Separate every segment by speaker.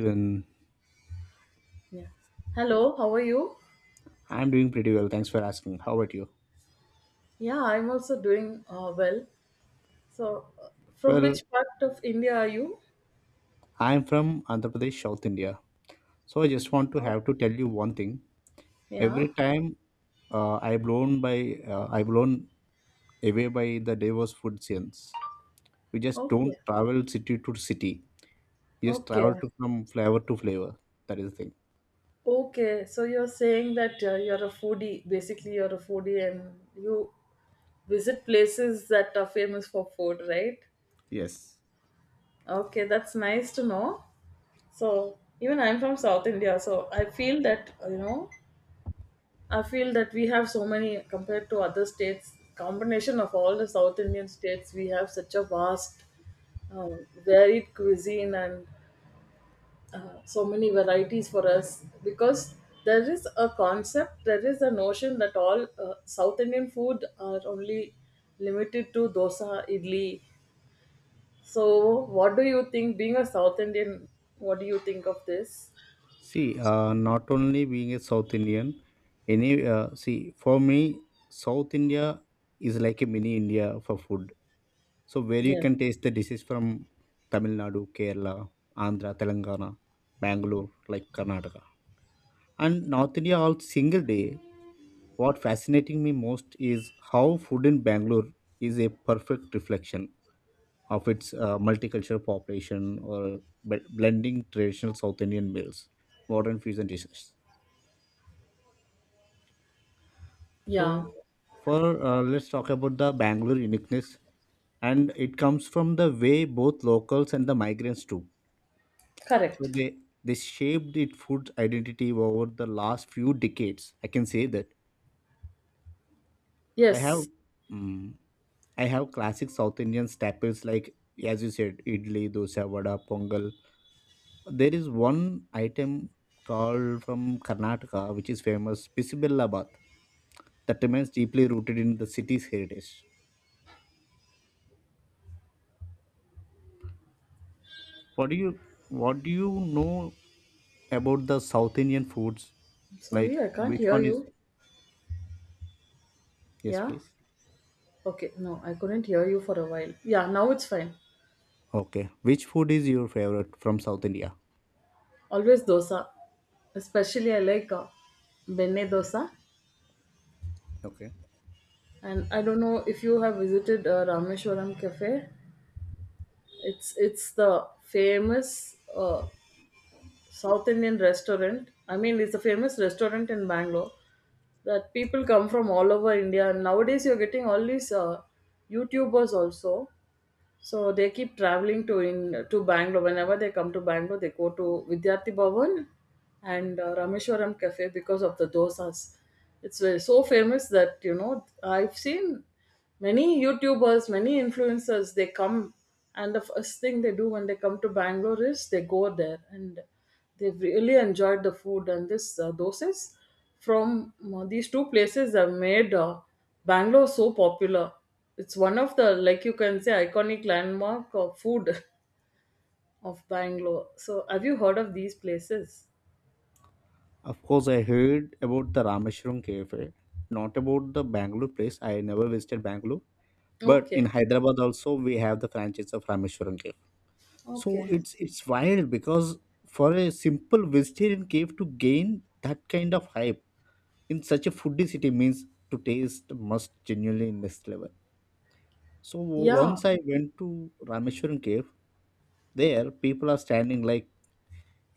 Speaker 1: Even
Speaker 2: Yeah. Hello, how are you?
Speaker 1: I'm doing pretty well. Thanks for asking. How about you?
Speaker 2: Yeah, I'm also doing well. So, uh, from
Speaker 1: Well,
Speaker 2: which part of India are you?
Speaker 1: I'm from Andhra Pradesh, South India. So I just want to
Speaker 2: Oh,
Speaker 1: have to tell you one thing.
Speaker 2: yeah.
Speaker 1: Every time I blown by I blown away by the diverse food scenes. We just don't
Speaker 2: Okay.
Speaker 1: travel city to city. We just
Speaker 2: Okay.
Speaker 1: travel to from flavor to flavor. That is the thing.
Speaker 2: Okay. So you're saying that you're a foodie. Basically, you're a foodie, and you visit places that are famous for food, right?
Speaker 1: Yes.
Speaker 2: Okay, that's nice to know. So even I'm from South India, so I feel that I feel that we have so many compared to other states. Combination of all the South Indian states, we have such a vast, varied cuisine and so many varieties for us. Because there is a concept, there is a notion that all South Indian food are only limited to dosa, idli. So, what do you think? Being a South Indian, what do you think of this?
Speaker 1: See, not only being a South Indian, any see for me, South India is like a mini India for food. So where you
Speaker 2: Yes.
Speaker 1: can taste the dishes from Tamil Nadu, Kerala, Andhra, Telangana, Bangalore, like Karnataka. And North India all single day. What fascinating me most is how food in Bangalore is a perfect reflection of its multicultural population or blending traditional South Indian meals, modern fusion dishes.
Speaker 2: Yeah.
Speaker 1: So, for let's talk about the Bangalore uniqueness, and it comes from the way both locals and the migrants too. So
Speaker 2: Correct.
Speaker 1: they shaped it food identity over the last few decades. I can say that I have
Speaker 2: Yes.
Speaker 1: mm, I have classic South Indian staples like, as you said, idli, dosa, vada, pongal. There is one item called from Karnataka which is famous Bismillabad that remains deeply rooted in the city's heritage. What do you what do you know about the South Indian foods? Like
Speaker 2: Sorry, I can't
Speaker 1: which
Speaker 2: hear
Speaker 1: one is,
Speaker 2: you.
Speaker 1: yes
Speaker 2: Yeah.
Speaker 1: please.
Speaker 2: Okay, no, I couldn't hear you for a while. Yeah, now it's fine.
Speaker 1: Okay. Which food is your favorite from South India?
Speaker 2: Always dosa. Especially I like benne dosa.
Speaker 1: Okay.
Speaker 2: And I don't know if you have visited Rameshwaram Cafe. It's the famous South Indian restaurant. I mean, it's a famous restaurant in Bangalore that people come from all over India. And nowadays, you're getting all these YouTubers also. So they keep traveling to in to Bangalore. Whenever they come to Bangalore, they go to Vidyarthi Bhavan and Rameshwaram Cafe because of the dosas. It's so famous that you know I've seen many YouTubers, many influencers. They come and the first thing they do when they come to Bangalore is they go there and they've really enjoyed the food, and this dosas from these two places have made Bangalore so popular. It's one of the, like you can say, iconic landmark of food of Bangalore. So have you heard of these places?
Speaker 1: Of course, I heard about the Rameshwaram cafe, not about the Bangalore place. I never visited Bangalore, but in
Speaker 2: Okay.
Speaker 1: Hyderabad also we have the franchise of Rameshwaram cafe. So
Speaker 2: Okay.
Speaker 1: it's wild because for a simple vegetarian cave to gain that kind of hype in such a foodie city means to taste must genuinely in next level. So
Speaker 2: Yeah.
Speaker 1: once I went to Rameshwaram cave, there people are standing like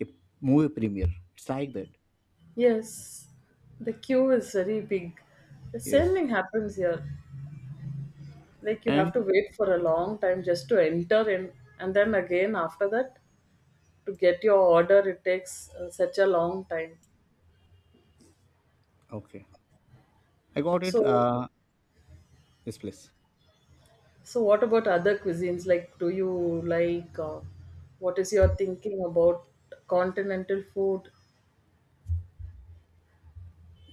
Speaker 1: a movie premiere. It's like that.
Speaker 2: Yes. The queue is very big. The same
Speaker 1: Yes.
Speaker 2: thing happens here. Like you have to
Speaker 1: And
Speaker 2: wait for a long time just to enter in, and then again after that to get your order it takes such a long time,
Speaker 1: okay, I got it.
Speaker 2: so
Speaker 1: Yes, please.
Speaker 2: so what about other cuisines? Like do you like what is your thinking about continental food?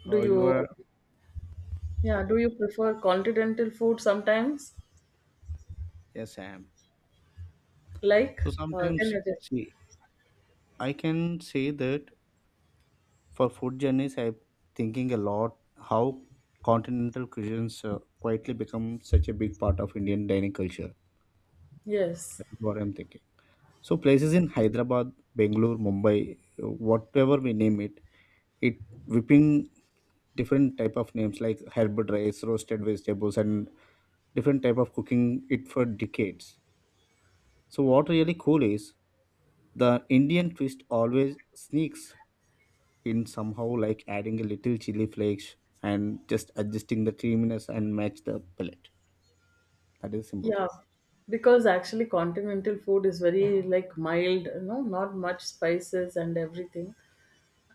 Speaker 2: Do
Speaker 1: Oh, you
Speaker 2: you,
Speaker 1: are.
Speaker 2: yeah, do you prefer continental food sometimes
Speaker 1: Yes, I am.
Speaker 2: like
Speaker 1: So
Speaker 2: can
Speaker 1: sometimes,
Speaker 2: you just,
Speaker 1: see, I can say that for food journeys, I'm thinking a lot how continental cuisines quietly become such a big part of Indian dining culture.
Speaker 2: yes,
Speaker 1: That's what I'm thinking. So places in Hyderabad, Bangalore, Mumbai, whatever we name it, it whipping different type of names like herb rice roasted vegetables and different type of cooking it for decades. So what really cool is the Indian twist always sneaks in somehow like adding a little chili flakes and just adjusting the creaminess and match the palate. That is a simple thing.
Speaker 2: yeah, because actually continental food is very like mild, you know, not much spices and everything.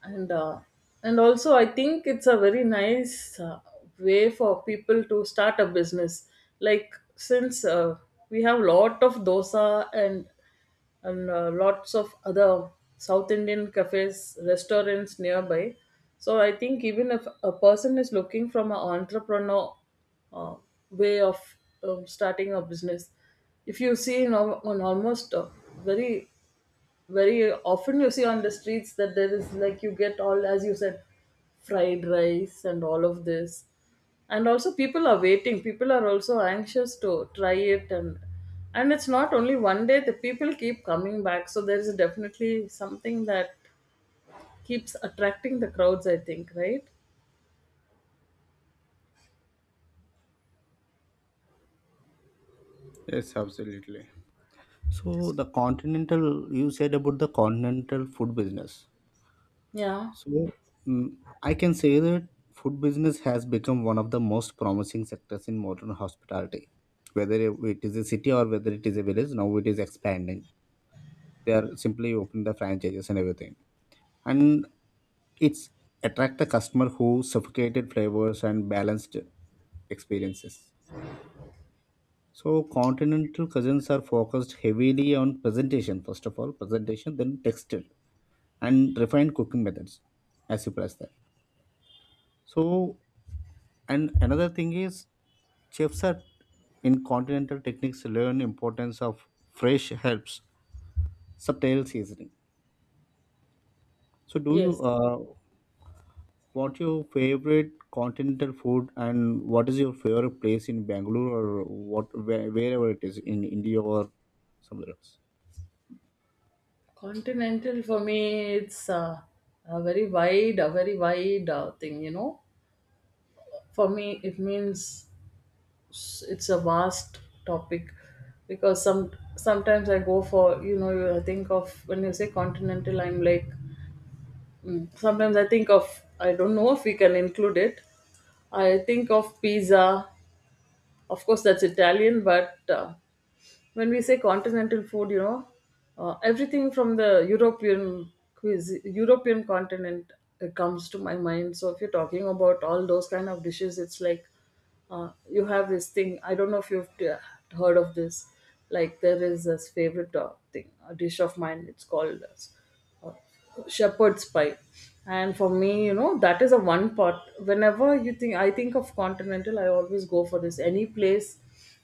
Speaker 2: And and also I think it's a very nice way for people to start a business, like since we have lot of dosa and and lots of other South Indian cafes, restaurants nearby. So I think even if a person is looking from an entrepreneur uh, way of starting a business, if you see in, on almost very very often, you see on the streets that there is like you get all, as you said, fried rice and all of this. And also people are waiting, people are also anxious to try it, and it's not only one day, the people keep coming back. So there is definitely something that keeps attracting the crowds, I think, right?
Speaker 1: Yes, absolutely. So the continental, you said about the continental food business.
Speaker 2: Yeah.
Speaker 1: So, mm, I can say that food business has become one of the most promising sectors in modern hospitality. Whether it is a city or whether it is a village, now it is expanding. They are simply opening the franchises and everything. And it's attract the customer who suffocated flavors and balanced experiences. So continental cuisines are focused heavily on presentation, first of all, presentation, then texture and refined cooking methods, as you press that. So, and another thing is chefs are in continental techniques learn importance of fresh herbs, subtle seasoning. So, do
Speaker 2: Yes.
Speaker 1: you what your favorite continental food and what is your favorite place in Bangalore or what where, wherever it is in India or somewhere else?
Speaker 2: Continental for me, it's a very wide thing, you know. For me it means, it's a vast topic. Because sometimes I go for, you know, I think of, when you say continental, I'm like sometimes I think of, I don't know if we can include it, I think of pizza. Of course, that's Italian, but when we say continental food, you know, everything from the European cuisine, European continent comes to my mind. So if you're talking about all those kind of dishes, it's like you have this thing. I don't know if you've heard of this. Like there is this favorite thing, a dish of mine. It's called shepherd's pie. And for me, you know, that is a one pot. Whenever you think, I think of continental, I always go for this any place.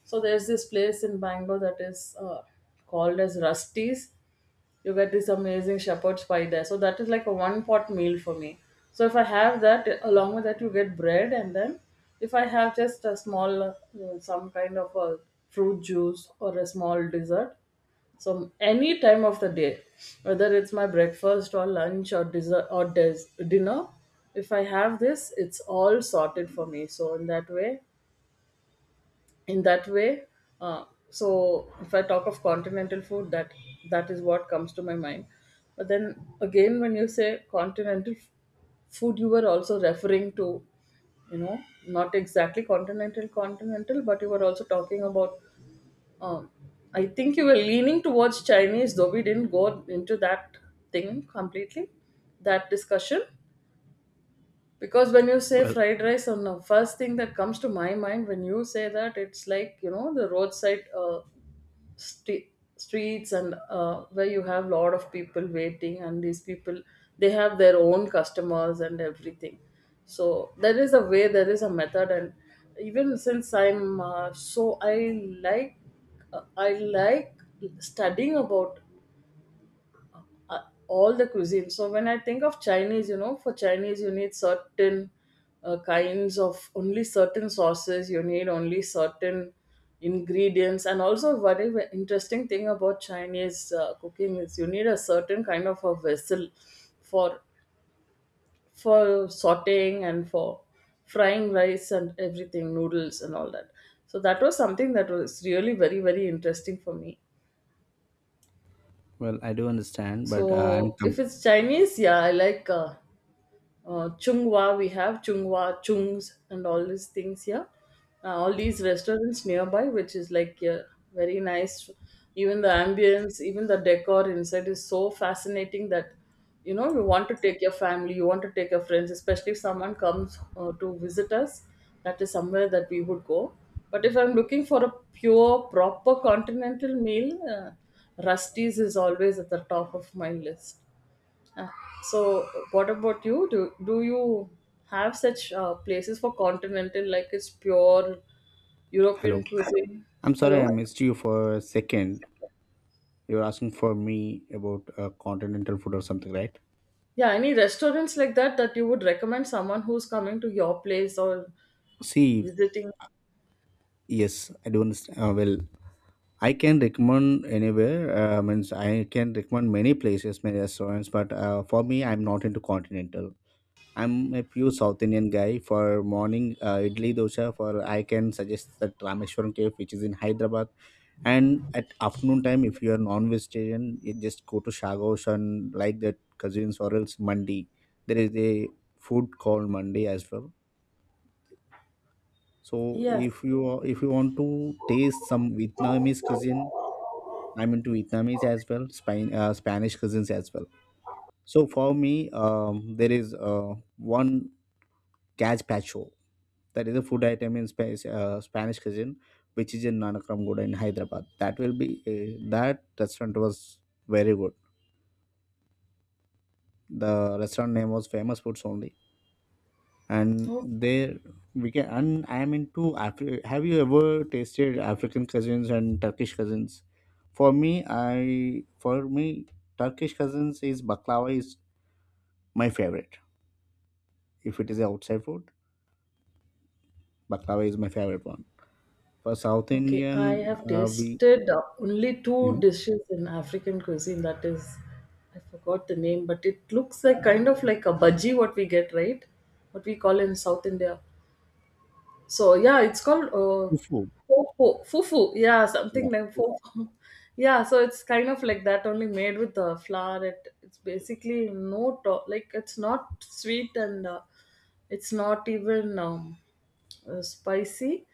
Speaker 2: So there's this place in Bangalore that is called as Rusty's. You get this amazing shepherd's pie there. So that is like a one pot meal for me. So if I have that, along with that, you get bread, and then if I have just a small, some kind of a fruit juice or a small dessert, so any time of the day, whether it's my breakfast or lunch or dessert or dinner, if I have this, it's all sorted for me. So in that way so if I talk of continental food, that is what comes to my mind. But then again, when you say continental food, you were also referring to, you know, not exactly continental continental, but you were also talking about um, I think you were leaning towards Chinese, though we didn't go into that thing completely, that discussion. Because when you say
Speaker 1: Well,
Speaker 2: fried rice, on the first thing that comes to my mind when you say that, it's like, you know, the roadside st- streets, and where you have lot of people waiting, and these people, they have their own customers and everything. So there is a way, there is a method. And even since I like I like studying about uh, all the cuisine. So when I think of Chinese, you know, for Chinese you need certain kinds of, only certain sauces. You need only certain ingredients. And also, very interesting thing about Chinese cooking is you need a certain kind of a vessel for sautéing and for frying rice and everything, noodles and all that. So that was something that was really very very interesting for me.
Speaker 1: well, I do understand, but
Speaker 2: So if it's Chinese, yeah, I like. Chunghwa, we have Chungwa, Chungs, and all these things here. All these restaurants nearby, which is like, yeah, very nice. Even the ambience, even the decor inside is so fascinating that, you know, you want to take your family, you want to take your friends, especially if someone comes to visit us. That is somewhere that we would go. But if I'm looking for a pure, proper continental meal, Rusty's is always at the top of my list. Uh, so, what about you? Do you have such places for continental, like it's pure European
Speaker 1: hello.
Speaker 2: cuisine?
Speaker 1: I'm sorry I
Speaker 2: Hello?
Speaker 1: missed you for a second. You're asking for me about continental food or something, right?
Speaker 2: Yeah, any restaurants like that that you would recommend someone who's coming to your place or
Speaker 1: See,
Speaker 2: visiting?
Speaker 1: yes, I do understand. Well, I can recommend anywhere. Means I can recommend many places, many restaurants. But for me, I'm not into continental. I'm a pure South Indian guy. For morning idli dosa, for I can suggest that Rameshwaram Cave, which is in Hyderabad. And at afternoon time, if you are non-vegetarian, you just go to Shagos and like that cousins or else Mandi. There is a food called Mandi as well. So if
Speaker 2: Yes.
Speaker 1: you are- if you want to taste some Vietnamese cuisine, I'm into Vietnamese as well, Spain, Spanish cuisines as well. So for me, there is one gazpacho. That is a food item in Spanish, Spanish cuisine, which is in Nanakamgoda in Hyderabad. That will be that restaurant was very good. The restaurant name was famous foods only. And
Speaker 2: Oh,
Speaker 1: there we can, and I am into have you ever tasted African cousins and Turkish cousins? For me, I for me Turkish cousins is baklava is my favorite. If it is outside food, baklava is my favorite one. For South
Speaker 2: okay. I
Speaker 1: Indian
Speaker 2: have
Speaker 1: we,
Speaker 2: tasted only two
Speaker 1: mhm.
Speaker 2: dishes in African cuisine. That is, I forgot the name, but it looks like kind of like a bhaji, what we get, right? What we call in South India. So yeah, it's called
Speaker 1: Fufu.
Speaker 2: fofo, fufu. Yeah,
Speaker 1: Yeah.
Speaker 2: something like
Speaker 1: Fufu.
Speaker 2: fofo. Yeah, so it's kind of like that, only made with the flour. It, it's basically no like it's not sweet and it's not even spicy,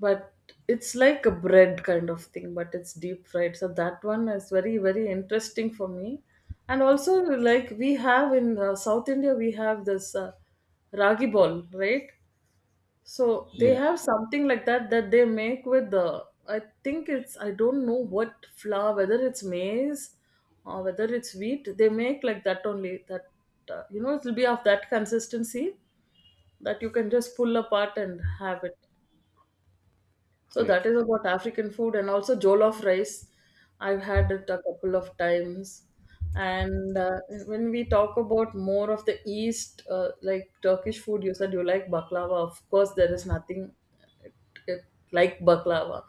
Speaker 2: but it's like a bread kind of thing, but it's deep fried. So that one is very very interesting for me. And also, like we have in South India, we have this ragi ball, right? So they
Speaker 1: Yeah,
Speaker 2: have something like that, that they make with the, I think it's, I don't know what flour, whether it's maize or whether it's wheat, they make like that only, that you know, it will be of that consistency that you can just pull apart and have it. So that
Speaker 1: great.
Speaker 2: is about African food, and also jollof rice. I've had it a couple of times. And when we talk about more of the East, like Turkish food, you said you like baklava. Of course, there is nothing, it, it, like baklava.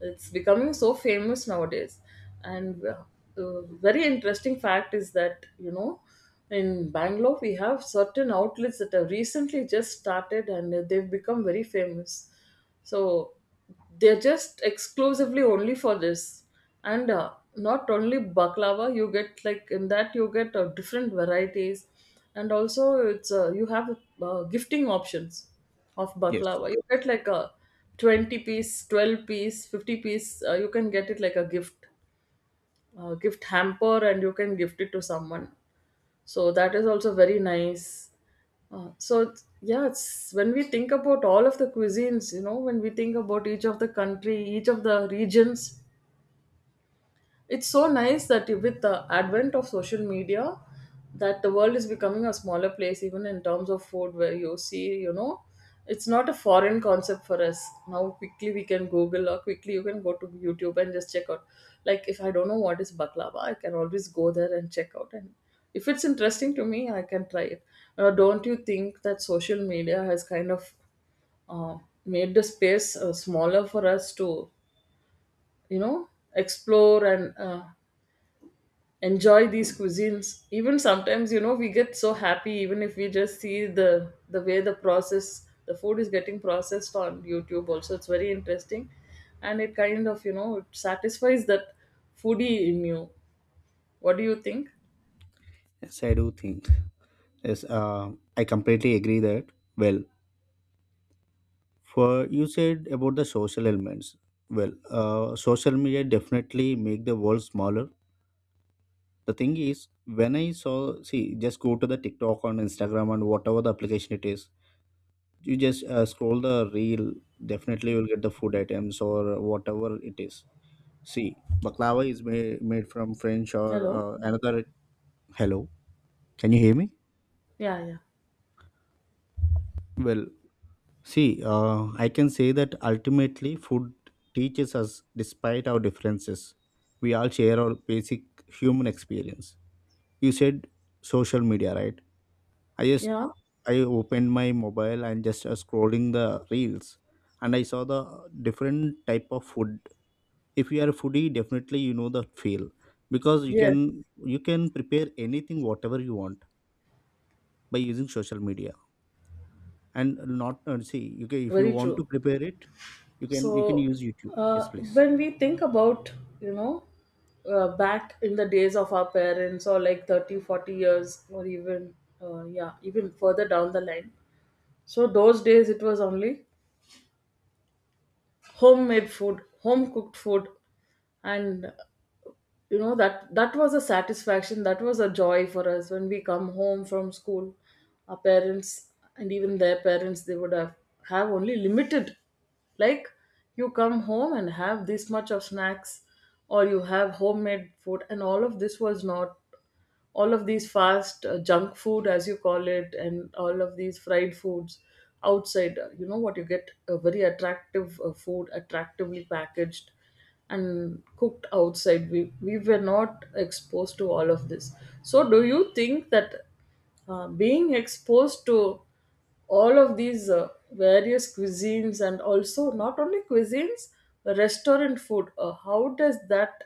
Speaker 2: It's becoming so famous nowadays. And very interesting fact is that, you know, in Bangalore, we have certain outlets that have recently just started and they've become very famous. So they're just exclusively only for this. And not only baklava, you get like, in that you get different varieties. And also it's you have gifting options of
Speaker 1: Yes,
Speaker 2: baklava. You get like a 20 piece, 12 piece, 50 piece, you can get it like a gift, gift hamper, and you can gift it to someone. So that is also very nice. Yeah, it's, when we think about all of the cuisines, you know, when we think about each of the country, each of the regions, it's so nice that with the advent of social media, that the world is becoming a smaller place, even in terms of food, where you see, you know, it's not a foreign concept for us. Now, quickly we can Google, or quickly you can go to YouTube and just check out. Like, if I don't know what is baklava, I can always go there and check out. And if it's interesting to me, I can try it. Don't you think that social media has kind of uh, made the space smaller for us to, you know, explore and enjoy these cuisines? Even sometimes, you know, we get so happy even if we just see the way the process the food is getting processed on YouTube. Also, it's very interesting, and it kind of, you know, it satisfies that foodie in you. What do you think?
Speaker 1: yes, I do think. Yes, I completely agree that, well, for you said about the social elements. Well, social media definitely make the world smaller. The thing is, when I saw, see, just go to the TikTok on Instagram and whatever the application it is, you just scroll the reel. Definitely, you'll get the food items or whatever it is. See, baklava is made from French or
Speaker 2: Hello?
Speaker 1: another. Hello, can you hear me?
Speaker 2: Yeah, yeah,
Speaker 1: Well, see, I can say that ultimately food teaches us despite our differences. We all share our basic human experience. You said social media, right? I just
Speaker 2: yeah.
Speaker 1: I opened my mobile and just scrolling the reels, and I saw the different type of food. If you are a foodie, definitely you know the feel, because you
Speaker 2: Yes,
Speaker 1: can you can prepare anything whatever you want by using social media. And not see, okay, if you
Speaker 2: very
Speaker 1: want to
Speaker 2: true.
Speaker 1: prepare it, you can
Speaker 2: So
Speaker 1: use YouTube, yes please.
Speaker 2: when we think about, you know, back in the days of our parents or like 30, 40 years or even yeah, even further down the line, so those days it was only homemade food, home cooked food. And, you know, that was a satisfaction, that was a joy for us when we come home from school. Our parents, and even their parents, they would have only limited, like, you come home and have this much of snacks, or you have homemade food, and all of this was not all of these fast, junk food, as you call it, and all of these fried foods outside. You know what you get? A very attractive food, attractively packaged and cooked outside. We were not exposed to all of this. So do you think that being exposed to all of these various cuisines, and also not only cuisines, restaurant food, how does that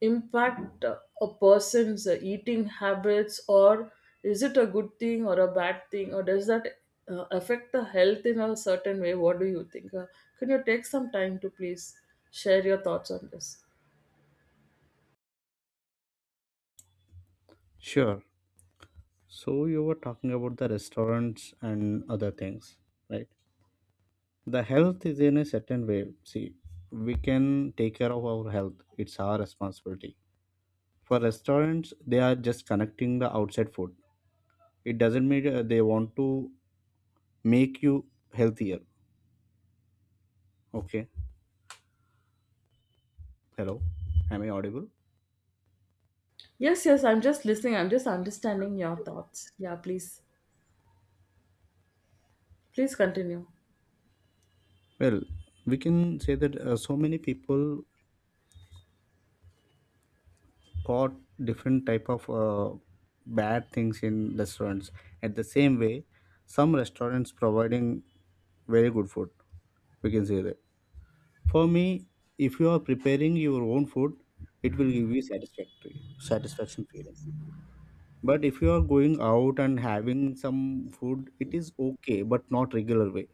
Speaker 2: impact a person's eating habits? Or is it a good thing or a bad thing? Or does that affect the health in a certain way? What do you think? Can you take some time to please share your thoughts on this?
Speaker 1: Sure. So you were talking about the restaurants and other things, right? The health is in a certain way. See, we can take care of our health, it's our responsibility. For restaurants, they are just connecting the outside food. It doesn't mean they want to make you healthier. Okay. Hello, am I audible?
Speaker 2: Yes, yes, I'm just listening. I'm just understanding your thoughts. Yeah, please, please continue.
Speaker 1: Well, we can say that so many people caught different type of bad things in restaurants. At the same way, some restaurants providing very good food. We can say that for me, if you are preparing your own food, it will give you satisfactory satisfaction feeling. But if you are going out and having some food, it is okay but not regular way.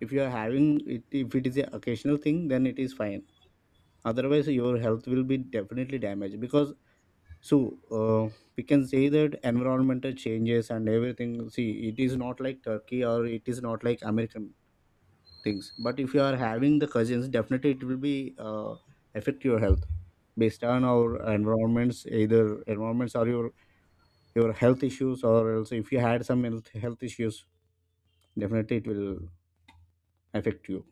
Speaker 1: If you are having it, if it is a occasional thing, then it is fine. Otherwise your health will be definitely damaged because. So we can say that environmental changes and everything. See, it is not like Turkey or it is not like American things. But if you are having the cousins, definitely it will be affect your health based on our environments. Either environments or your health issues, or else if you had some health issues, definitely it will affect you.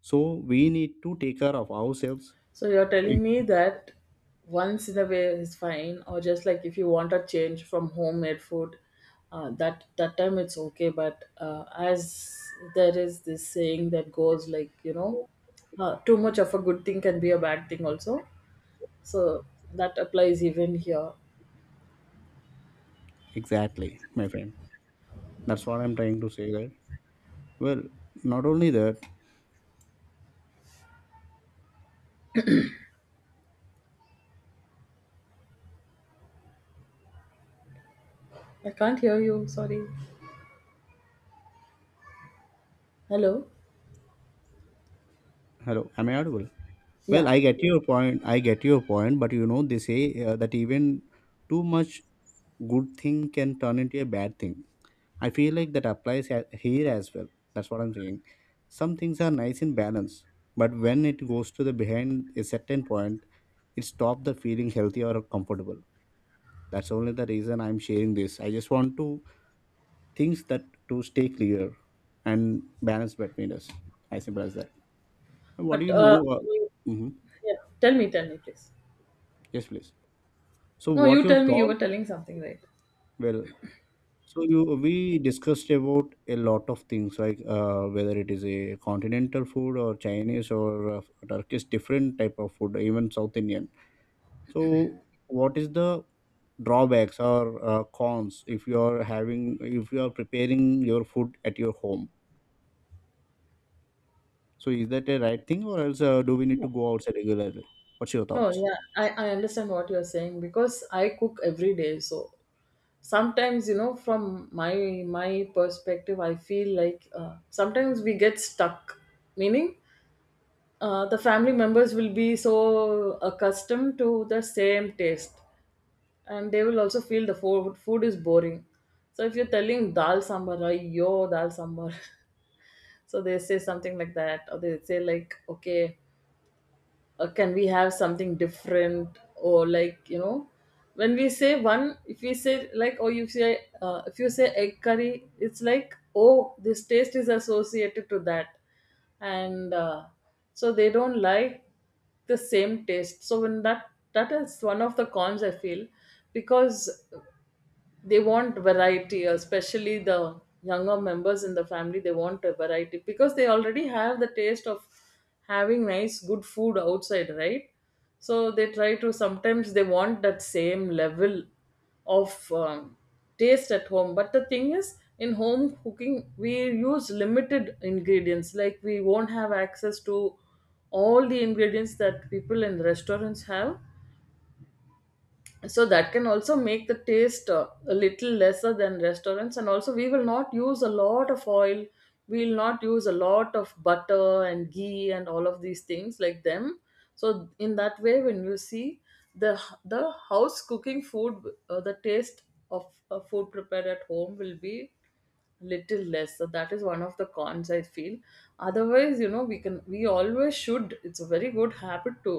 Speaker 1: So we need to take care of ourselves.
Speaker 2: So you're telling me that once in a way is fine, or just like if you want a change from homemade food, that time it's okay. But as there is this saying that goes, like, you know, too much of a good thing can be a bad thing also. So that applies even here.
Speaker 1: Exactly, my friend. That's what I'm trying to say. That, well, not only that.
Speaker 2: I can't hear you. Sorry. Hello.
Speaker 1: Hello, am I audible? Well,
Speaker 2: Yeah.
Speaker 1: I get your point. I get your point, but you know they say that even too much good thing can turn into a bad thing. I feel like that applies here as well. That's what I'm saying. Some things are nice in balance, but when it goes to the behind a certain point, it stops the feeling healthy or comfortable. That's only the reason I'm sharing this. I just want to things that to stay clear and balance between us. I simple as that. What do
Speaker 2: But
Speaker 1: you know? Mhm.
Speaker 2: yeah. Tell me. Tell me, please.
Speaker 1: Yes, please. So
Speaker 2: No,
Speaker 1: what
Speaker 2: you
Speaker 1: your
Speaker 2: tell me. You
Speaker 1: thought?
Speaker 2: were telling something, right?
Speaker 1: Well, so you we discussed about a lot of things like whether it is a continental food or Chinese or Turkish different type of food, even South Indian. So what is the drawbacks or cons if you are having if you are preparing your food at your home? So is that a right thing, or else do we need to go outside regularly? What's your
Speaker 2: No,
Speaker 1: thoughts?
Speaker 2: yeah, I understand what you're saying because I cook every day. So sometimes, you know, from my perspective, I feel like sometimes we get stuck. Meaning, the family members will be so accustomed to the same taste, and they will also feel the food is boring. So if you're telling dal sambar, yo dal sambar, so they say something like that, or they say like, okay. Can we have something different? Or, like, you know, when we say one, if we say, like, or you say, if you say egg curry, it's like, oh, this taste is associated to that. And so they don't like the same taste. So when that is one of the cons I feel, because they want variety, especially the younger members in the family. They want a variety because they already have the taste of having nice good food outside, right? So they try to, sometimes they want that same level of taste at home. But the thing is, in home cooking, we use limited ingredients, like we won't have access to all the ingredients that people in restaurants have. So that can also make the taste a little lesser than restaurants. And also, we will not use a lot of oil, we will not use a lot of butter and ghee and all of these things like them. So in that way, when you see the house cooking food, the taste of food prepared at home will be little less. So that is one of the cons I feel. Otherwise, you know, we can, we always should, it's a very good habit to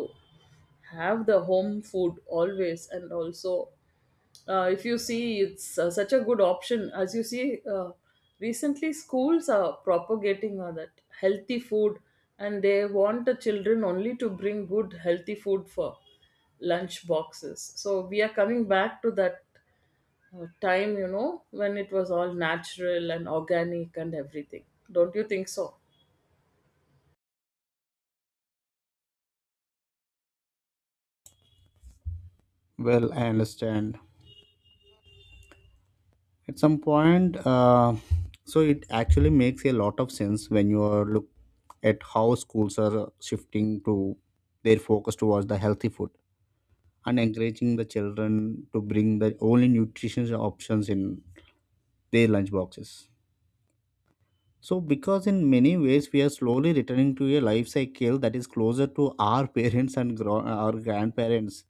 Speaker 2: have the home food always. And also, if you see, it's such a good option. As you see, recently schools are propagating that healthy food, and they want the children only to bring good healthy food for lunch boxes. So we are coming back to that time, you know, when it was all natural and organic and everything. Don't you think so?
Speaker 1: Well, I understand. At some point, so it actually makes a lot of sense when you are look at how schools are shifting to their focus towards the healthy food, and encouraging the children to bring the only nutritious options in their lunch boxes. So, because in many ways we are slowly returning to a life cycle that is closer to our parents and our grandparents,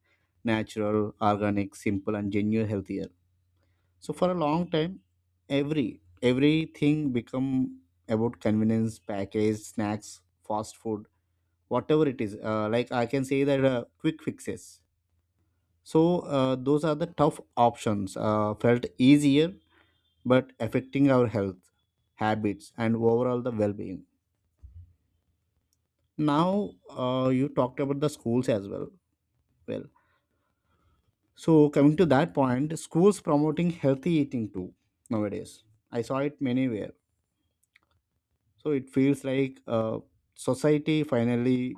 Speaker 1: natural, organic, simple, and genuine healthier. So, for a long time, everything become about convenience, package, snacks, fast food, whatever it is. Like I can say that quick fixes. So those are the tough options. Felt easier, but affecting our health, habits, and overall the well-being. Now you talked about the schools as well. Well, so coming to that point, schools promoting healthy eating too nowadays. I saw it many where. So it feels like society finally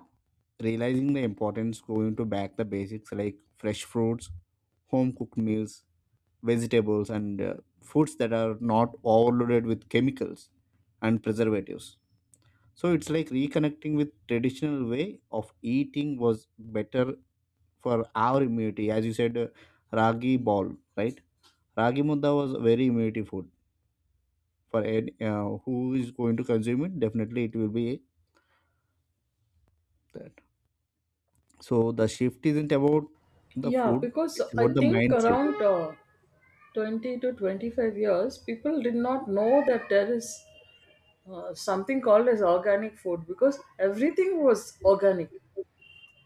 Speaker 1: realizing the importance going to back the basics like fresh fruits, home cooked meals, vegetables and foods that are not overloaded with chemicals and preservatives. So it's like reconnecting with traditional way of eating was better for our immunity. As you said ragi ball, right? Ragi mudda was a very immunity food for any, who is going to consume it, definitely it will be that. So the shift isn't about the
Speaker 2: Yeah,
Speaker 1: food,
Speaker 2: because
Speaker 1: it's
Speaker 2: I
Speaker 1: about the
Speaker 2: think
Speaker 1: mindset.
Speaker 2: around 20 to 25 years, people did not know that there is something called as organic food, because everything was organic.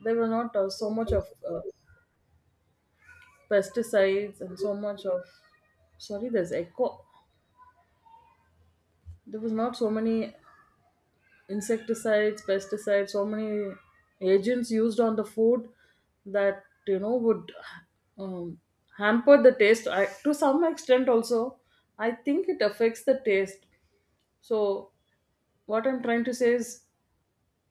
Speaker 2: There were not so much of pesticides and so much of, sorry, there's echo. There was not so many insecticides, pesticides, so many agents used on the food that, you know, would um, hamper the taste. I, to some extent, also, I think it affects the taste. So what I'm trying to say is,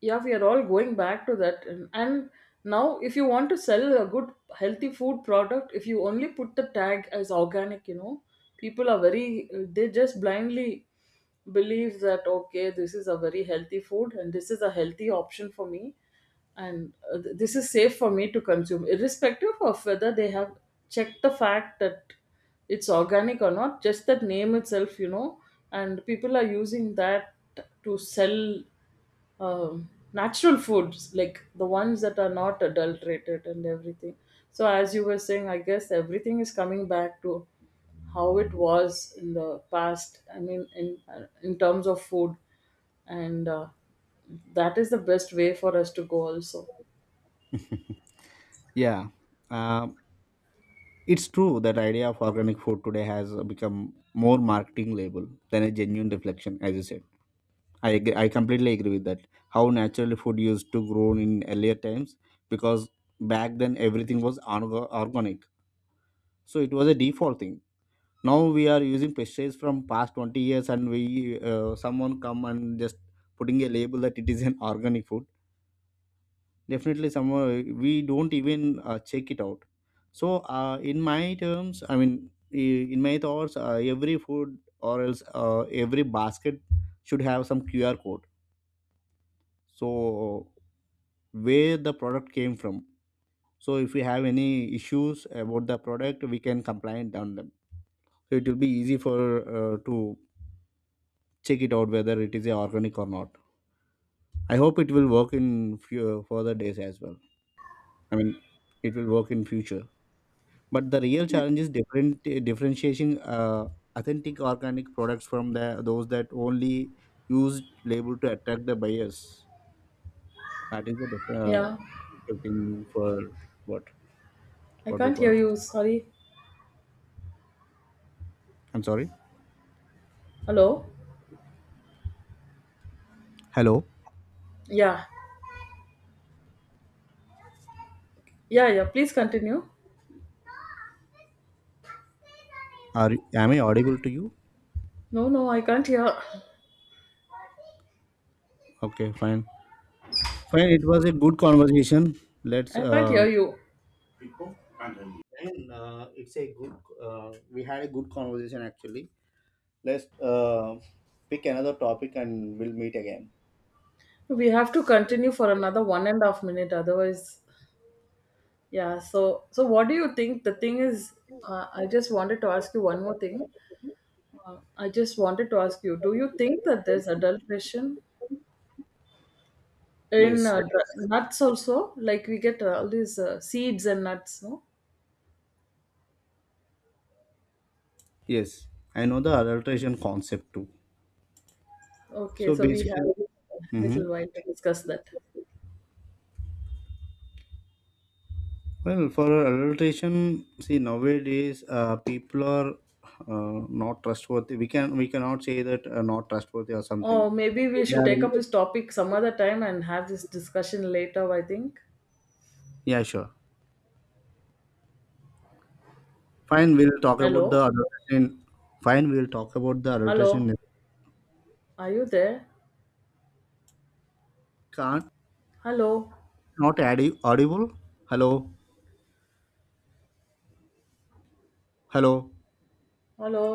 Speaker 2: yeah, we are all going back to that. And now, if you want to sell a good, healthy food product, if you only put the tag as organic, you know, people are very, they just blindly believe that, okay, this is a very healthy food and this is a healthy option for me, and this is safe for me to consume irrespective of whether they have checked the fact that it's organic or not, just that name itself, you know. And people are using that to sell natural foods, like the ones that are not adulterated and everything. So as you were saying, I guess everything is coming back to how it was in the past, I mean in terms of food. And that is the best way for us to go also.
Speaker 1: Yeah. Um it's true that idea of organic food today has become more marketing label than a genuine reflection, as you said. I agree, I completely agree with that. How naturally food used to grow in earlier times, because back then everything was organic, so it was a default thing. Now we are using pesticides from past 20 years, and we someone come and just putting a label that it is an organic food. Definitely someone we don't even check it out. So in my terms, I mean, in my thoughts, every food or else every basket should have some QR code. So where the product came from, so if we have any issues about the product we can complain on them. So it will be easy for to check it out whether it is a organic or not. I hope it will work in few further days as well. I mean, it will work in future. But the real challenge is different, differentiating authentic organic products from the those that only use label to attract the buyers. That is the
Speaker 2: Yeah.
Speaker 1: thing for what
Speaker 2: I
Speaker 1: what we
Speaker 2: can't hear
Speaker 1: call
Speaker 2: you,
Speaker 1: customer.
Speaker 2: sorry.
Speaker 1: I'm sorry.
Speaker 2: Hello.
Speaker 1: Hello.
Speaker 2: Yeah, yeah, yeah, please continue.
Speaker 1: Am I audible to you?
Speaker 2: No, no, I can't hear.
Speaker 1: Okay, fine. Fine, it was a good conversation. Let's
Speaker 2: I can't hear you.
Speaker 1: and, it's a good, we had a good conversation actually. Let's uh, pick another topic and we'll meet again.
Speaker 2: We have to continue for another 1.5 minutes, otherwise. Yeah, so so what do you think? The thing is, I just wanted to ask you one more thing. I just wanted to ask you, do you think that there's adulteration in
Speaker 1: Yes,
Speaker 2: nuts also? Like, we get all these seeds and nuts, no?
Speaker 1: yes, I know the adulteration concept too.
Speaker 2: Okay,
Speaker 1: So
Speaker 2: so we have
Speaker 1: basically,
Speaker 2: a
Speaker 1: hmm
Speaker 2: little while to discuss that.
Speaker 1: well, for adulteration, see nowadays, people are not trustworthy. We can we cannot say that not trustworthy or something.
Speaker 2: Oh, maybe we
Speaker 1: They
Speaker 2: should
Speaker 1: are,
Speaker 2: take up this topic some other time and have this discussion later, I think.
Speaker 1: yeah, sure. Fine, we'll talk about the
Speaker 2: Hello?
Speaker 1: adulteration. Fine, we'll talk about the
Speaker 2: Hello?
Speaker 1: adulteration.
Speaker 2: Are you there?
Speaker 1: Can't
Speaker 2: Hello?
Speaker 1: not audible. Hello, hello,
Speaker 2: Hello?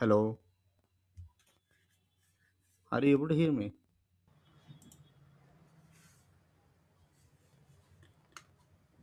Speaker 1: hello. Are you able to hear me?